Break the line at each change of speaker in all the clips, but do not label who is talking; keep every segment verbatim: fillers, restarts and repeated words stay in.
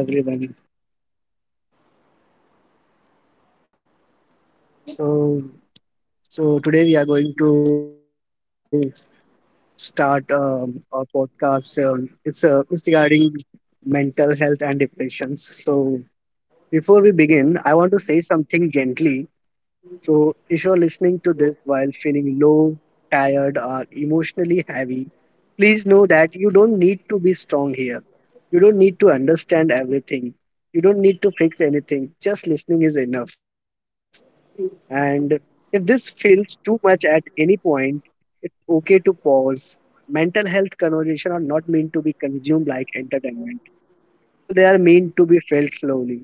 Hello everyone. So so today we are going to start um, our podcast. Um, it's uh, it's regarding mental health and depressions. So before we begin, I want to say something gently. So if you're listening to this while feeling low, tired, or emotionally heavy, please know that you don't need to be strong here. You don't need to understand everything. You don't need to fix anything. Just listening is enough. And if this feels too much at any point, it's okay to pause. Mental health conversation are not meant to be consumed like entertainment. So they are meant to be felt slowly.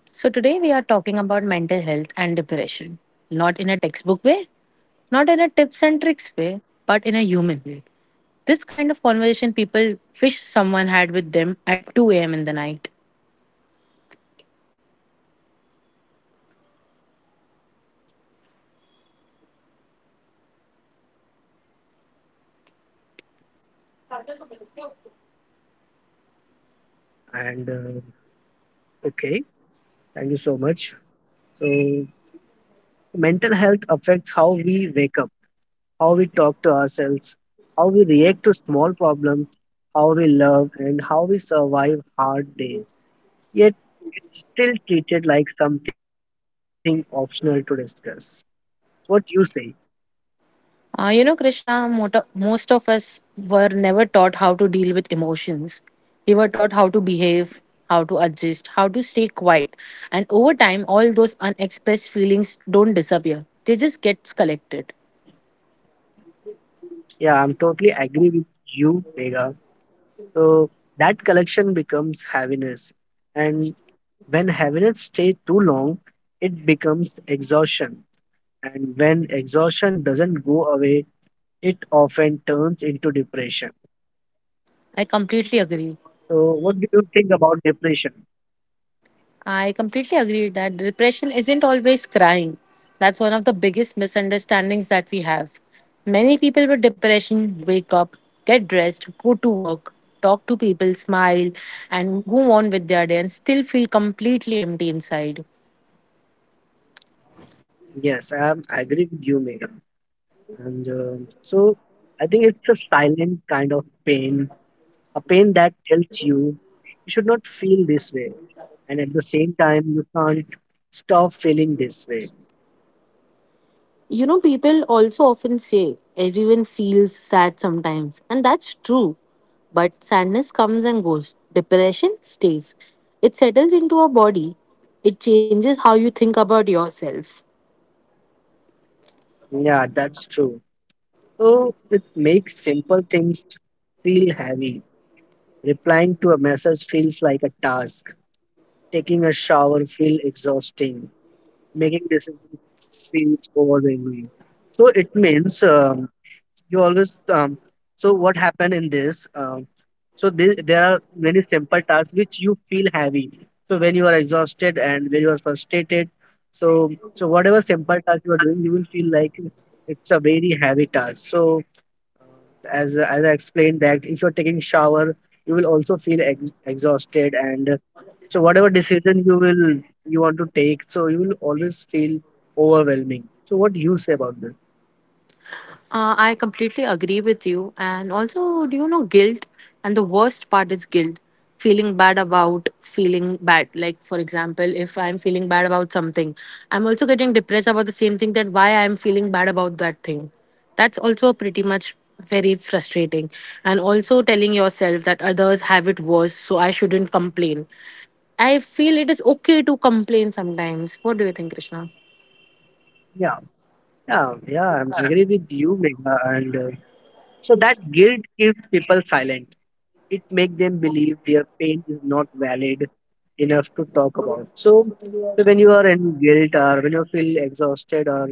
So, today we are talking about mental health and depression, not in a textbook way, not in a tips and tricks way, but in a human way. This kind of conversation people wish someone had with them at two a m in the night.
And uh, Okay, thank you so much. So mental health affects how we wake up, how we talk to ourselves, how we react to small problems, how we love, and how we survive hard days. Yet it's still treated like something optional to discuss. What do you say?
Uh, you know, Krishna, mota- most of us were never taught how to deal with emotions. We were taught how to behave, how to adjust, how to stay quiet. And over time, all those unexpressed feelings don't disappear, they just get collected.
Yeah, I'm totally agree with you, Vega. So that collection becomes heaviness. And when heaviness stays too long, it becomes exhaustion. And when exhaustion doesn't go away, it often turns into depression.
I completely agree.
So what do you think about depression?
I completely agree that depression isn't always crying. That's one of the biggest misunderstandings that we have. Many people with depression wake up, get dressed, go to work, talk to people, smile, and move on with their day and still feel completely empty inside.
Yes, I am agree with you, Megan. Um, so I think it's a silent kind of pain, a pain that tells you you should not feel this way. At the same time, you can't stop feeling this way.
You know, people also often say everyone feels sad sometimes, and that's true. But sadness comes and goes, depression stays. It settles into our body, it changes how you think about yourself.
Yeah, that, so it makes simple things feel heavy. Replying to a message feels like a task. Taking a shower feels exhausting. Making decisions feels overwhelming. So it means um, you always. Um, so what happened in this? Um, so this there are many simple tasks which you feel heavy. So when you are exhausted and when you are frustrated, so so whatever task you are doing, you will it's a very heavy task. So as as I explained that if you're taking shower, you will also feel ex exhausted, and uh, so whatever decision you will you want to take, so you will always feel overwhelming. So what do you say about this?
Uh, I completely agree with you. And also, do you know guilt? And the worst part is guilt. Feeling bad about feeling bad. Like, for example, if I'm feeling bad about something, I'm also getting depressed about the same thing that why I'm feeling bad about that thing. That's also pretty much very frustrating. And also telling yourself that others have it worse, so I shouldn't complain. I feel it is okay to complain sometimes. What do you think, Krishna?
Yeah, yeah, yeah, I'm- I- uh, and uh, So that keeps people silent. It makes them believe their pain is not valid enough to talk about. So guilt, or when you feel exhausted, or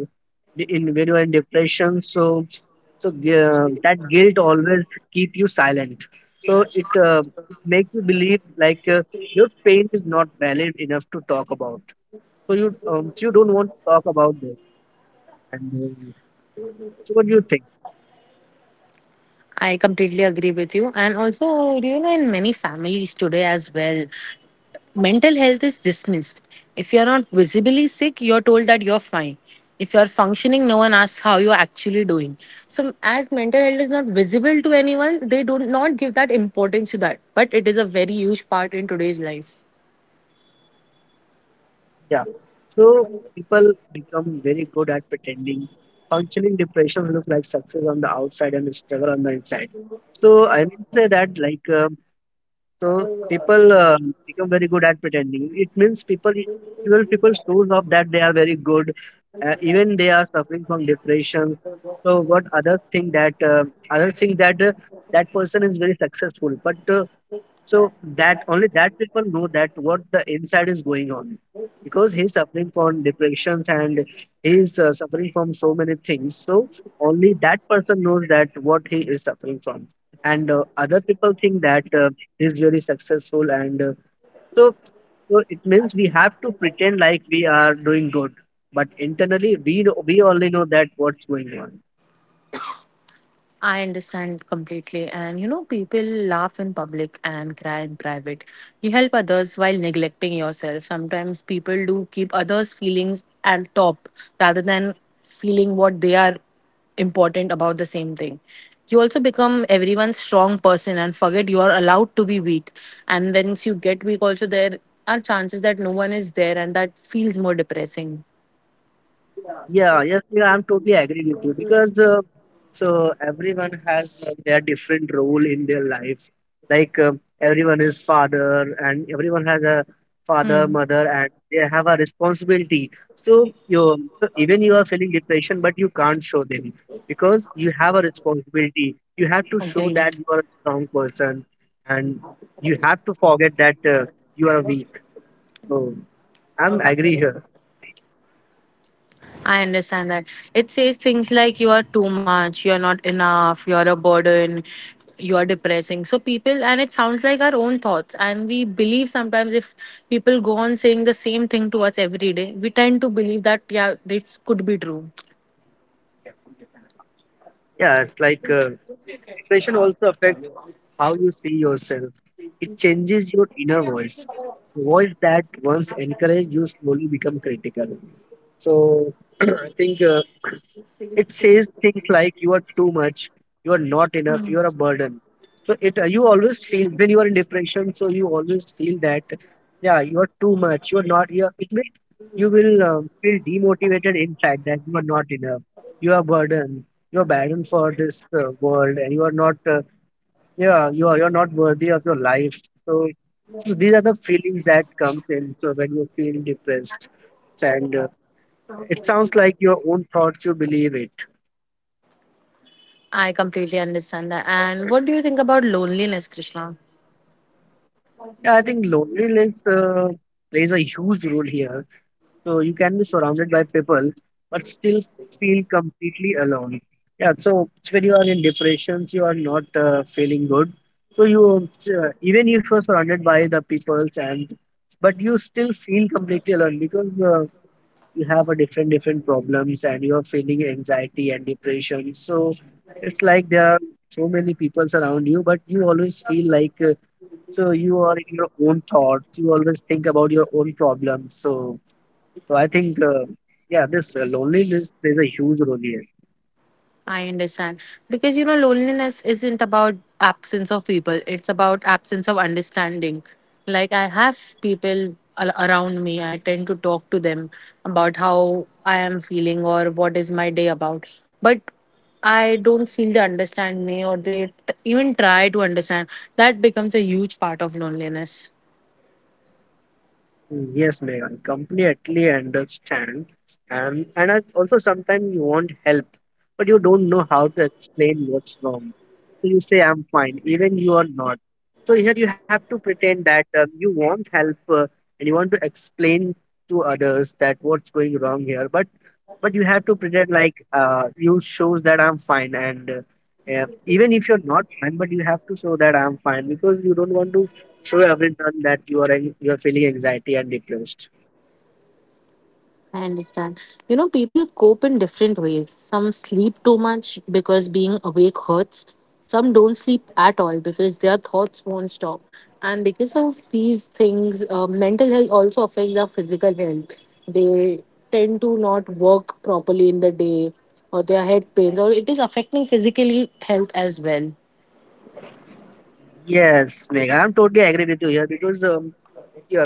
in when you're in depression, so so uh, always keep you silent. So it make you believe like uh, your pain is not valid enough to talk about. So you um, you don't want to talk about this. And uh, So what do you think?
I completely agree with you. And also, do you know, in many families today as well, mental health is dismissed. If you're not visibly sick, you're told that you're fine. If you're functioning, no one asks how you're actually doing. So, as mental health is not visible to anyone, they do not give that importance to that. But it is a very huge part in today's life.
Yeah. So become very good at pretending. Functioning depression look like success on the outside and struggle on the inside. Like, um, so um, Become very good at pretending. It means that they are very good. Uh, even from depression, think that uh, other thing that the person is very successful, but that that people know that what the inside is going on on depressions and he is uh, suffering from so many things so that person knows that what he is suffering from and uh, other people think that uh, he is very successful and uh, so, so it means we have we are doing good but internally we know, we only know that what's going on.
I understand completely. And you know, people laugh in public and cry in private. You help others while neglecting yourself. Sometimes people do keep others' feelings at top rather than feeling what they are important about the same thing. You also become everyone's strong person and forget you are allowed to be weak. And once you get weak, also there are chances that no one is there and that feels more depressing.
Yeah, because so everyone has uh, their different role in their life like uh, everyone is father and everyone has a father
Hmm.
mother have a responsibility so you so even you are feeling depression but you can't show them because really you have to be a
Agree.
strong person and you have to forget that uh, you are weak so I'm agree here.
I understand that. It says things like you are too much, you're not enough, you're a burden, you're depressing. So people, and it sounds like our own thoughts. And we believe sometimes if people go on saying the same thing to us every day, we tend to believe that, yeah, this could be true.
Yeah it's like uh, Depression is see yourself, it's your inner voice what is that once encouraged slowly become. So I think uh, too much. You are not enough. You are a it. Uh, you always feel when you are patient. So you always feel that yeah, you are too much. You are not. You will feel demotivated. In fact, that you are not enough. You are burden. You are burden for the world, and you are not. Uh, yeah, you are. You are not worthy of your life. So so these are the feelings that come uh, when you feel depressed and uh, own thoughts you believe it.
I completely understand that. And what do you think about loneliness, Krishna?
Yeah, I think feelings uh, plays a huge role here. So you can be surrounded by people, but still feel completely alone. Yeah, so when you are in depressions, you are not uh, feeling good. So you uh, even if you're surrounded by the peoples and but you still feel completely alone. Uh, you have a different different problems and you are feeling anxiety and depression. So it's like there are so many people around you, but you always feel like uh, so your own thoughts. You always think about your own problems. So so I think, uh, yeah, this uh, loneliness plays a huge role here.
I understand. Because you know, loneliness isn't about absence of people, it's about absence of understanding. Like, I have people al- around me, I tend to talk to them about how I am feeling or what is my day about. But I don't feel they understand me or they t- even try to understand. That becomes a huge part of loneliness.
Mm, yes, Megha. Megan, completely understand. and and I also sometimes you want help, but you don't know how to explain what. So you say, I'm fine, even you are not. So here you have to pretend that um, you want help uh, and you want to explain to others that what's going wrong here. But but you have to pretend like uh, you shows that I'm fine and uh, yeah, even but you have to show that I'm fine because you don't want to show everyone that you are you are feeling anxiety and depressed.
I understand. You know, people cope in different ways. Some sleep too much because being awake hurts. Some don't sleep at all because their thoughts won't stop. And because of these things, uh, mental health also affects our physical health. They tend to not work properly in the day, or their head pains, or it is affecting physically health as well.
Yes, Megha, I'm totally agree with you here because um,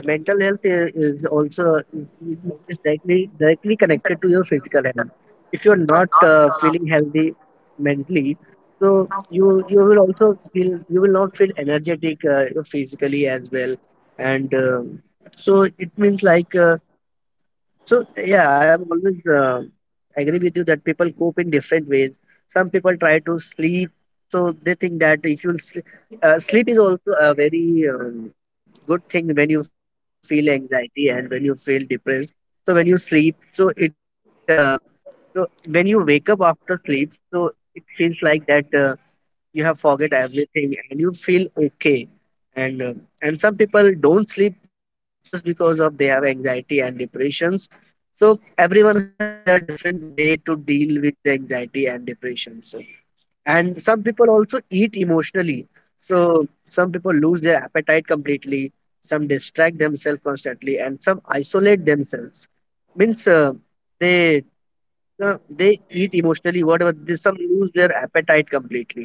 mental health i- is also is is directly directly connected to your physical health. If you're not mentally, so you will you will not feel energetic uh, physically as and uh, so it means like. Uh, So yeah, I'm always uh, agree with you that people cope in different ways. Some people try to sleep, so they think that if you sleep, uh, sleep is also a very um, good thing when you feel anxiety and when you feel depressed. So when you sleep, so it uh, so when you wake up after sleep, so it feels like that uh, you have forget everything and you feel okay and uh, and some people don't sleep just because of they have anxiety and depressions, so everyone has their different way to deal with the anxiety and depression. So and some people also eat emotionally, so some people lose their appetite completely, some distract themselves constantly, and some isolate themselves means uh, they no, they eat emotionally, whatever. They, some lose their appetite completely.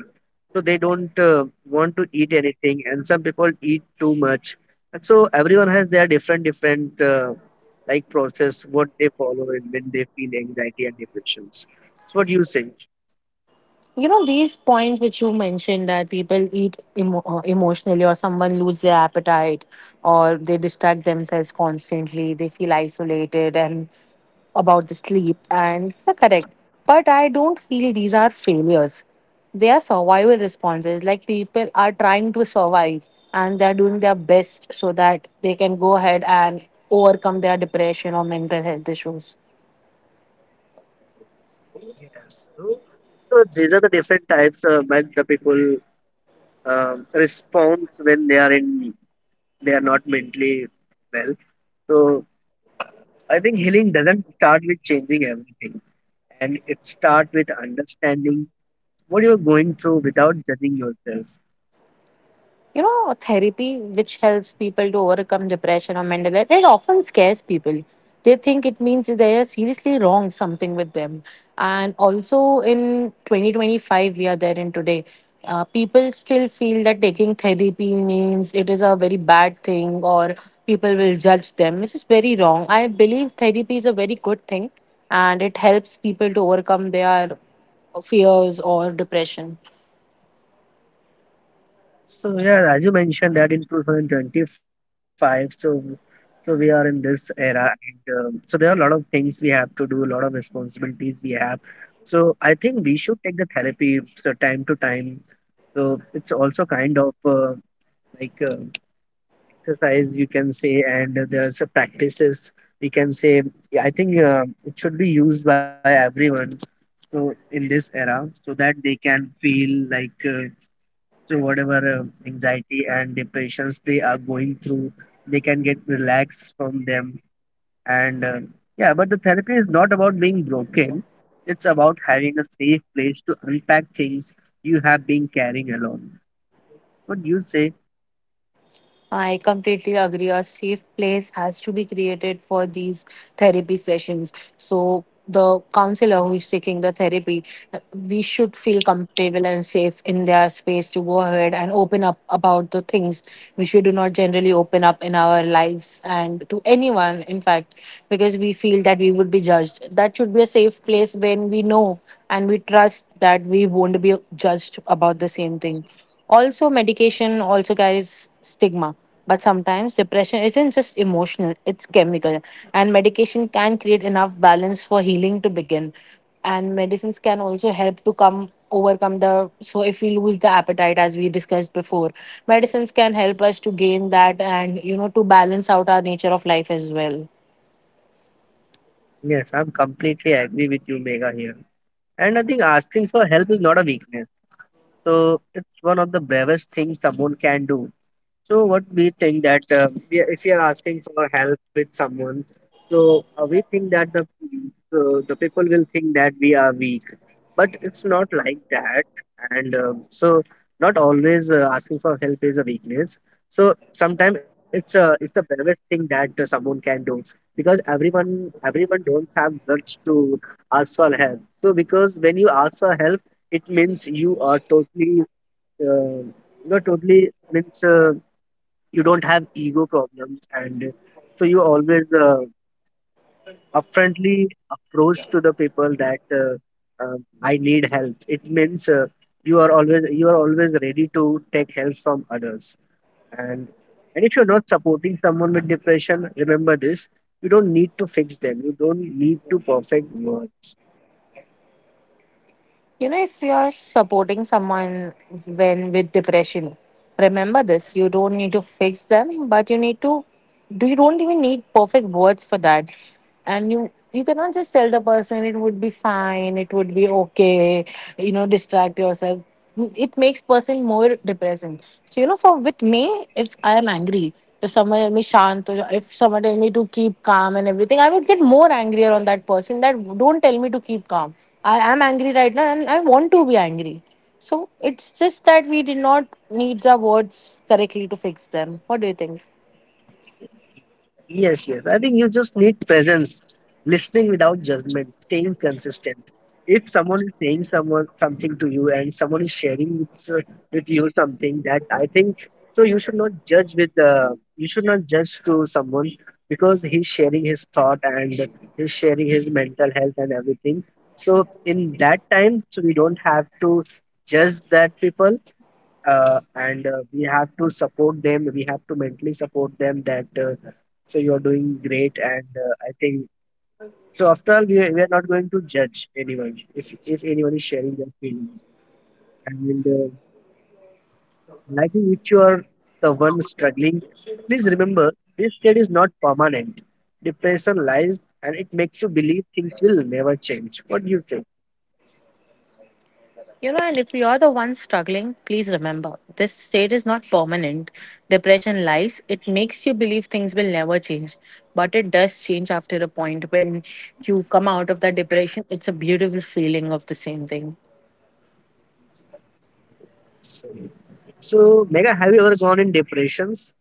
So they don't uh, want to eat anything. And some people eat too much. And so everyone has their different, different uh, like process, what they follow and when they feel anxiety and depressions. So what do you say?
You know these points which you mentioned that people eat emo- uh, emotionally, or someone lose their appetite or they distract themselves constantly, they feel isolated, and about the sleep, and it's correct, but I don't feel these are failures. They are survival responses. Like, people are trying to survive and they're doing their best so that they can go ahead and overcome their depression or mental health issues.
Yes. So, So these are the different types uh, when the people uh, respond when they are in they are not mentally well. So I think healing doesn't start with changing everything, and it start with understanding what you're going through without judging yourself.
You know, therapy, which helps people to overcome depression or mental health, it often scares people. They think it means they are seriously wrong something with them. And also in twenty twenty-five, we are there in today. Uh, people still feel that taking therapy means it is a very bad thing, or people will judge them, which is very wrong. I believe therapy is a very good thing and it helps people to overcome their fears or depression.
So yeah, as you mentioned that in two thousand twenty-five, so so we are in this era, and um, so there are a lot of things we have to do, a lot of responsibilities we have. So I think we should take the therapy so time to time. So it's also kind of uh, like uh, exercise you can say, and there's a practices we can say. Yeah, I think uh, it should be used by everyone so in this era so that they can feel like uh, so whatever uh, anxiety and depressions they are going through, they can get relaxed from them and uh, yeah, but the therapy is not about being broken, it's about having a safe place to unpack things you have been carrying alone. Would you say
I completely agree. A safe place has to be created for these therapy sessions. So, the counselor who is taking the therapy, we should feel comfortable and safe in their space to go ahead and open up about the things which we do not generally open up in our lives and to anyone, in fact, because we feel that we would be judged. That should be a safe place when we know and we trust that we won't be judged about the same thing. Also, medication also carries stigma, but sometimes depression isn't just emotional, it's chemical. And medication can create enough balance for healing to begin. And medicines can also help to come overcome the, so if we lose the appetite as we discussed before, medicines can help us to gain that, and you know, to balance out our nature of life as well.
yes, I'm completely agree with you, Mega here. And I think asking for help is not a weakness, so it's one of the bravest things someone can do. So what we think that uh, we- if you are asking for help with someone, so uh, we think that the uh, the people will think that we are weak, but it's not like that. And uh, so not always uh, asking for help is a weakness. So sometimes it's uh, it's the bravest thing that uh, someone can do because everyone everyone don't have guts to ask for help. So because when you ask for help, it means you are totally uh, you are totally means. Uh, you don't have ego problems, and so you always uh, upfrontly approach to the people that uh, um, I need help. It means uh, you are always you are always ready to take help from others. And and if you're not supporting someone with depression, remember this: you don't need to fix them, you don't need to perfect words.
You know, if you're supporting someone when with depression, remember this. You don't need to fix them, but you need to do, you don't even need perfect words for that. And you you cannot just tell the person it would be fine, it would be okay, you know, distract yourself, it makes person more depressing. So you know, for with me, if I am angry, if someone tell me shant, or if someone tell me to keep calm and everything, I would get more angrier on that person. That don't tell me to keep calm. I am angry right now, and I want to be angry. So it's just that we did not need the words correctly to fix them. What do you think?
Yes, I think you just need presence, listening without judgment, staying consistent. If someone is saying someone something to you and someone is sharing with you something that I think, so you should not judge with uh, you should not judge to someone, because he's sharing his thought and he's sharing his mental health and everything. So in that time, so we don't have to judge the people, uh, and uh, we have to support them. We have to mentally support them that uh, so you are doing great, and uh, I think so, after all we are, we are not going to judge anyone if if anyone is sharing their feelings. And uh, and I think if you are the one struggling, please remember this state is not permanent. Depression lies, and it makes you believe things will never change. What do you think?
You know, and if you are the one struggling, please remember this state is not permanent. Depression lies, it makes you believe things will never change. But it does change after a point. When you come out of that depression, it's a beautiful feeling of the same thing.
So, Mega, have you ever gone in depressions?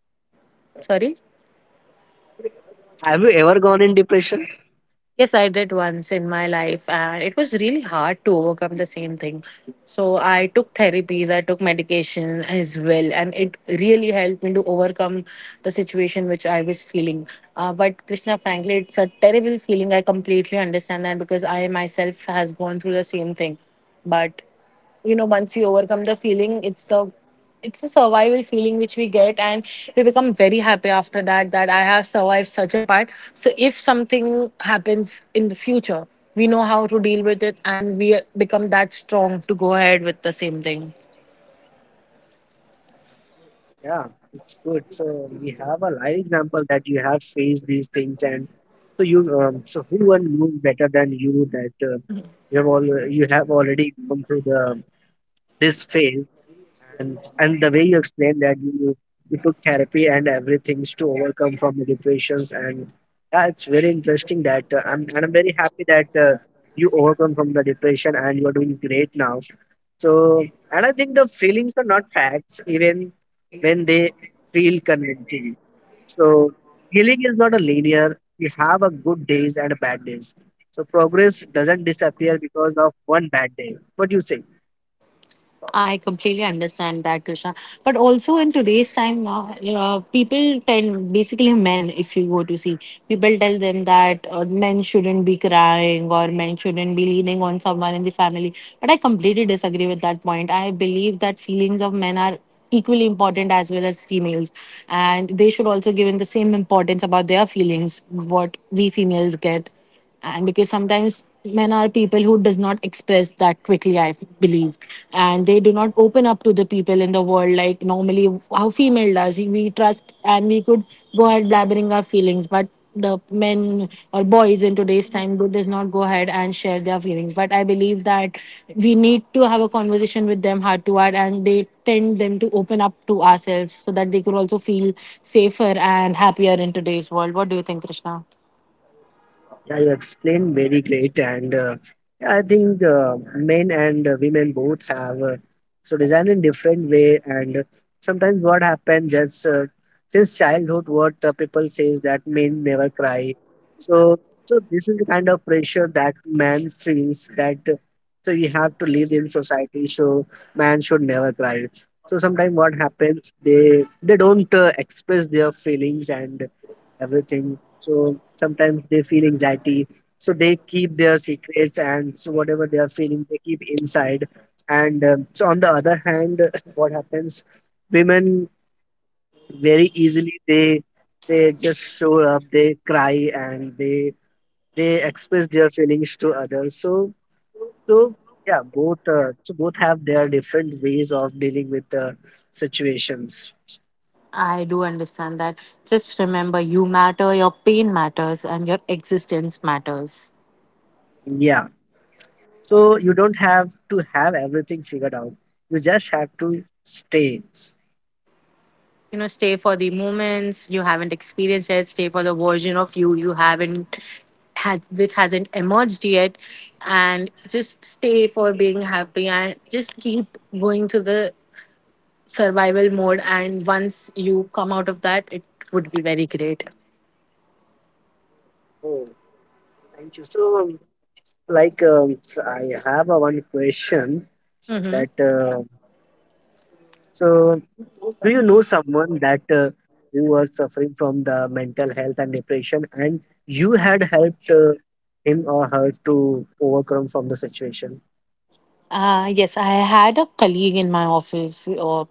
Sorry?
Have you ever gone in depression?
Yes, I did once in my life, and it was really hard to overcome the same thing. So I took therapies, I took medication as well, and it really helped me to overcome the situation which I was feeling. Uh, but Krishna, frankly, it's a terrible feeling. I completely understand that because I myself has gone through the same thing, but you know, once we overcome the feeling, it's the, it's a survival feeling which we get, and we become very happy after that, that I have survived such a part. So if something happens in the future, we know how to deal with it, and we become that strong to go ahead with the same thing.
Yeah, good. So we have a live example that you have faced these things, and so you, um, everyone knows better than you that uh, all, you have already gone through the this phase, explained that you, you took therapy and everything to overcome from the depressions. And yeah, it's very interesting that uh, I'm and I'm very happy that uh, you overcome from the depression and you are doing great now. So, and I think the feelings are not facts even when they feel convinced. So healing is not a linear. We have a good days and a bad days. So progress doesn't disappear because of one bad day. What do you say?
I completely understand that, Krishna. But also in today's time now, uh, people tend, basically men, if you go to see, people tell them that uh, men shouldn't be crying or men shouldn't be leaning on someone in the family. But I completely disagree with that point. I believe that feelings of men are equally important as well as females, and they should also given the same importance about their feelings what we females get. And because sometimes men are people who does not express that quickly, I believe, and they do not open up to the people in the world like normally how female does. We trust and we could go ahead blabbering our feelings, but the men or boys in today's time do- does not go ahead and share their feelings. But I believe that we need to have a conversation with them heart to heart and they tend them to open up to ourselves so that they could also feel safer and happier in today's world. What do you think, Krishna?
Yeah, you explained very great, and uh, yeah, I think uh, men and uh, women both have uh, so design in different way. And uh, sometimes what happens just uh, since childhood, what uh, people says that men never cry. So so this is the kind of pressure that man feels that uh, so you have to live in society. So man should never cry. So sometimes what happens, they they don't uh, express their feelings and everything. So sometimes they feel anxiety, so they keep their secrets, and so whatever they are feeling they keep inside. And um, so on the other hand what happens, women very easily they they just show up, they cry, and they they express their feelings to others. So, so yeah, both uh, so both have their different ways of dealing with the situations.
I do understand that. Just remember you matter, your pain matters, and your existence matters.
Yeah, so you don't have to have everything figured out, you just have to stay.
You know, stay for the moments you haven't experienced yet, stay for the version of you you haven't has which hasn't emerged yet, and just stay for being happy and just keep going to the survival mode, and once you come out of that, it would be very great.
Oh, thank you. So, like, um, so I have a one question
Mm-hmm.
that, uh, so do you know someone that uh, who was suffering from the mental health and depression, and you had helped uh, him or her to overcome from the situation?
Uh, yes, I had a colleague in my office. uh,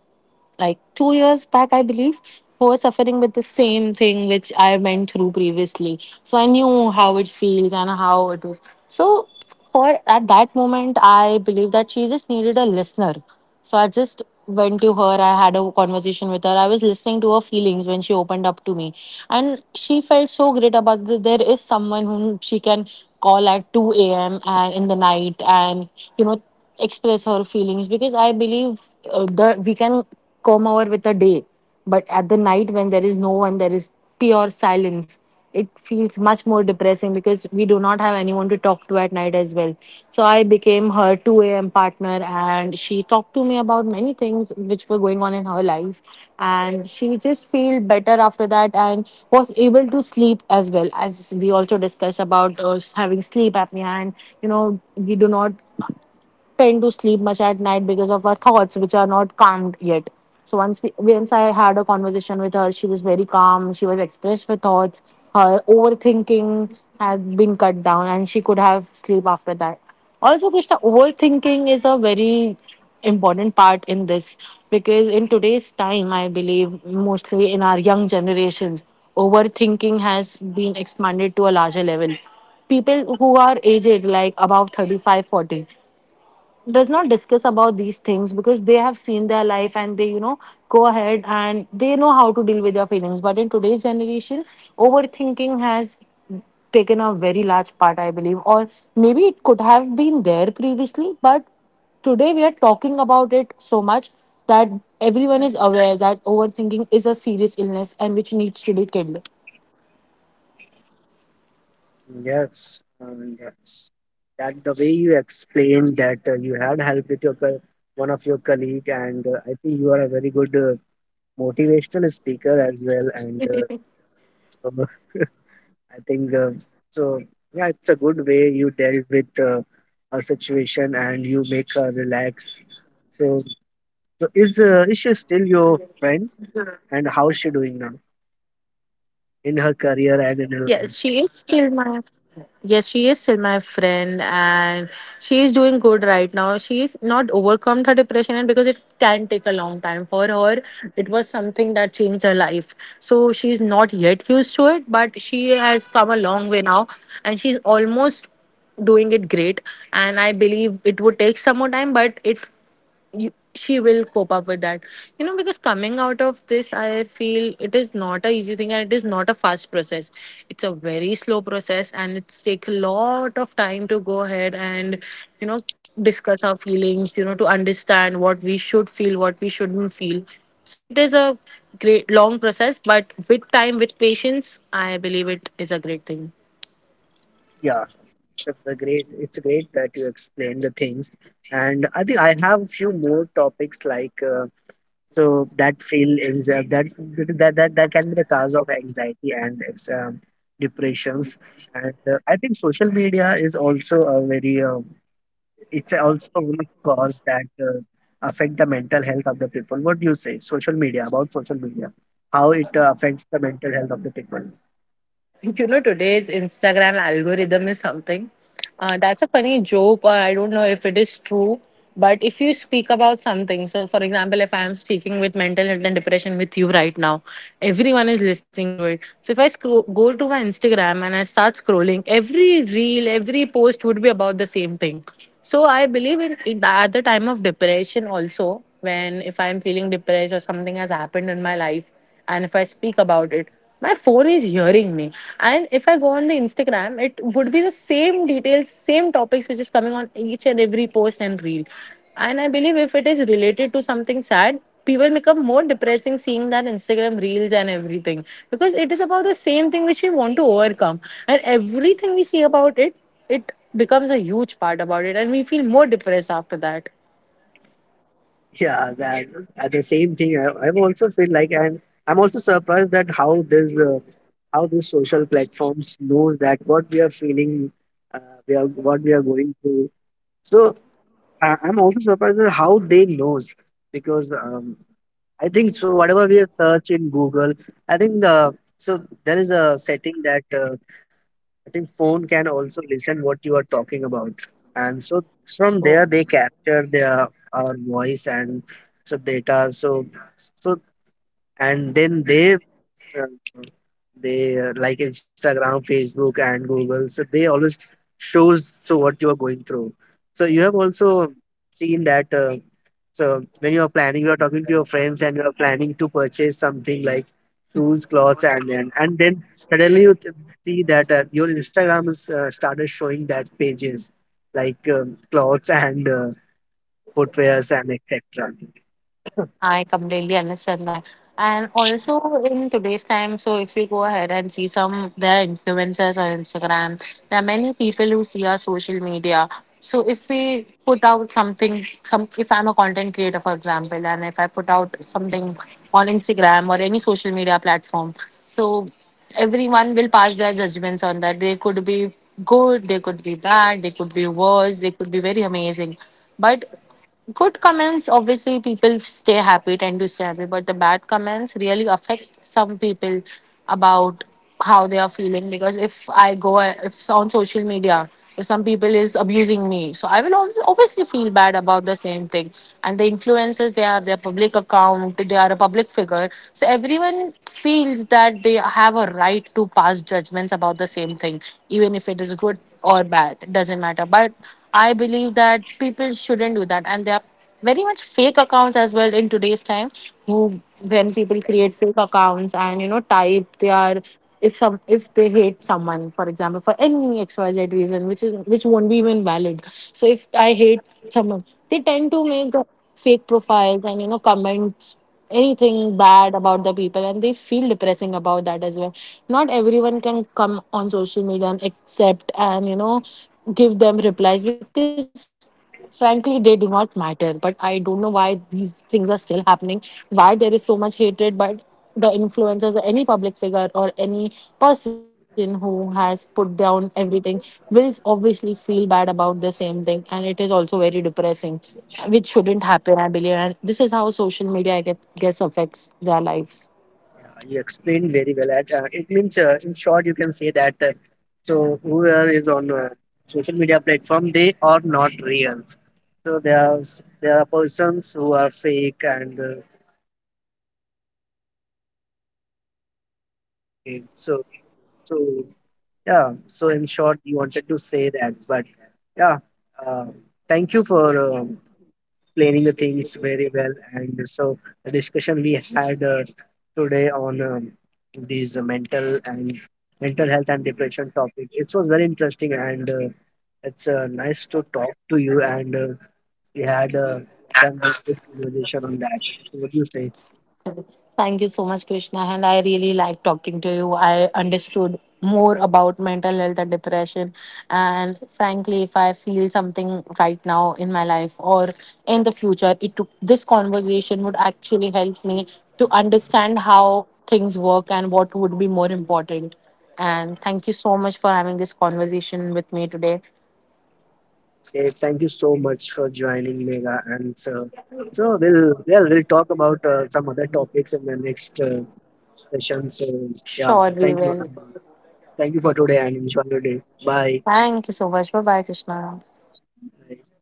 Like two years back, I believe, who was suffering with the same thing which I went through previously. So I knew how it feels and how it is. So for at that moment, I believe that she just needed a listener. So I just went to her. I had a conversation with her. I was listening to her feelings when she opened up to me, and she felt so great about that there is someone whom she can call at two a m and in the night and you know express her feelings because I believe uh, the we can come over with a day, but at the night when there is no one, there is pure silence. It feels much more depressing because we do not have anyone to talk to at night as well. So I became her two a m partner, and she talked to me about many things which were going on in her life, and she just felt better after that and was able to sleep as well as we also discussed about uh, having sleep apnea and you know we do not tend to sleep much at night because of our thoughts which are not calmed yet. So once we once i had a conversation with her, she was very calm. She was expressed her thoughts. Her overthinking had been cut down and she could have sleep after that. Also, Krishna, overthinking is a very important part in this, because in today's time, I believe mostly in our young generations overthinking has been expanded to a larger level. People who are aged like above thirty-five, forty does not discuss about these things because they have seen their life and they, you know go ahead and they know how to deal with their feelings. But in today's generation, overthinking has taken a very large part, I believe. Or maybe it could have been there previously, but today we are talking about it so much that everyone is aware that overthinking is a serious illness and which needs to be killed.
Yes, um, yes. That the way you explained that uh, you had helped with your co- one of your colleague, and uh, I think you are a very good uh, motivational speaker as well, and. Uh, so I think uh, so. Yeah, it's a good way you dealt with uh, a situation and you make her relax. So, so is uh, is she still your friend? And how is she doing now in her career and in
Yes,
her?
she is still my. Yes, she is still my friend, and she is doing good right now. She is not overcome her depression, and because it can take a long time for her, it was something that changed her life. So she is not yet used to it, but she has come a long way now, and she's almost doing it great. And I believe it would take some more time, but it, you, she will cope up with that, you know because coming out of this, I feel it is not a easy thing and it is not a fast process. It's a very slow process and it's take a lot of time to go ahead and, you know discuss our feelings, you know to understand what we should feel, what we shouldn't feel. So it is a great long process, but with time, with patience, I believe it is a great thing.
Yeah, that's a great. It's great that you explain the things. And I think I have few more topics like uh, so that feel anxiety that that that that can be the cause of anxiety and ex- um, depressions. And uh, I think social media is also a very um, it's also one of cause that uh, affect the mental health of the people. What do you say? Social media, about social media, how it uh, affects the mental health of the people.
You know, today's Instagram algorithm is something. Uh, that's a funny joke, or I don't know if it is true. But if you speak about something, so for example, if I am speaking with mental health and depression with you right now, everyone is listening to it. So if I scro- go to my Instagram and I start scrolling, every reel, every post would be about the same thing. So I believe in, in at the time of depression also, when if I am feeling depressed or something has happened in my life, and if I speak about it. My phone is hearing me. And if I go on the Instagram, it would be the same details, same topics which is coming on each and every post and reel. And I believe if it is related to something sad, people become more depressing seeing that Instagram reels and everything. Because it is about the same thing which we want to overcome. And everything we see about it, it becomes a huge part about it. And we feel more depressed after that.
Yeah, that uh, the same thing. I, I also feel like, and I'm also surprised that how this, uh, how these social platforms knows that what we are feeling, uh, we are what we are going through. So I, I'm also surprised at how they knows, because um, I think so. Whatever we search in Google, I think the so there is a setting that uh, I think phone can also listen what you are talking about, and so from there they capture their our voice and so data. So, so and then they uh, they uh, like Instagram, Facebook and Google, so they always shows so what you are going through. So you have also seen that uh, so when you are planning, you are talking to your friends and you are planning to purchase something like shoes, clothes, and then and then suddenly you th- see that uh, your Instagram is uh, started showing that pages like um, clothes and uh, footwears and et cetera.
I completely understand that. And also in today's time, so if we go ahead and see some their influencers on Instagram, there are many people who see our social media. So if we put out something, some if I'm a content creator, for example, and if I put out something on Instagram or any social media platform, so everyone will pass their judgments on that. They could be good, they could be bad, they could be worse, they could be very amazing. But good comments, obviously, people stay happy, tend to stay happy, but the bad comments really affect some people about how they are feeling. Because if I go, if on social media, if some people is abusing me, so I will al- obviously feel bad about the same thing. And the influencers, they have their public account, they are a public figure, so everyone feels that they have a right to pass judgments about the same thing, even if it is good or bad, doesn't matter. But I believe that people shouldn't do that, and there are very much fake accounts as well in today's time. Who, when people create fake accounts and you know type they are if some if they hate someone, for example, for any X Y Z reason, which is which won't be even valid. So if I hate someone, they tend to make fake profiles and, you know comments anything bad about the people and they feel depressing about that as well. Not everyone can come on social media and accept and, you know give them replies because frankly they do not matter. But I don't know why these things are still happening, why there is so much hatred. But the influencers or any public figure or any person who has put down everything will obviously feel bad about the same thing, and it is also very depressing, which shouldn't happen, I believe. And this is how social media, I get- guess, affects their lives.
You explained very well. At uh, it means, uh, in short, you can say that uh, so whoever is on uh, social media platform, they are not real. So there are s- there are persons who are fake and uh, fake. So, so yeah. So in short, you wanted to say that, but yeah. Uh, Thank you for um, explaining the things very well. And so the discussion we had uh, today on um, these uh, mental and mental health and depression topic, it was very interesting and uh, it's uh, nice to talk to you. And uh, we had uh, done very good conversation on that. So what do you say?
Thank you so much, Krishna. And I really like talking to you. I understood more about mental health and depression. And frankly, if I feel something right now in my life or in the future, it took, this conversation would actually help me to understand how things work and what would be more important. And thank you so much for having this conversation with me today.
Hey, thank you so much for joining, Mega. And so, so we'll well we'll talk about uh, some other topics in the next uh, session. So yeah,
Sure, we
thank you.
will.
Um, Thank you for today
Yes.
and enjoy your day. Bye.
Thank you so much. Bye bye, Krishna.
I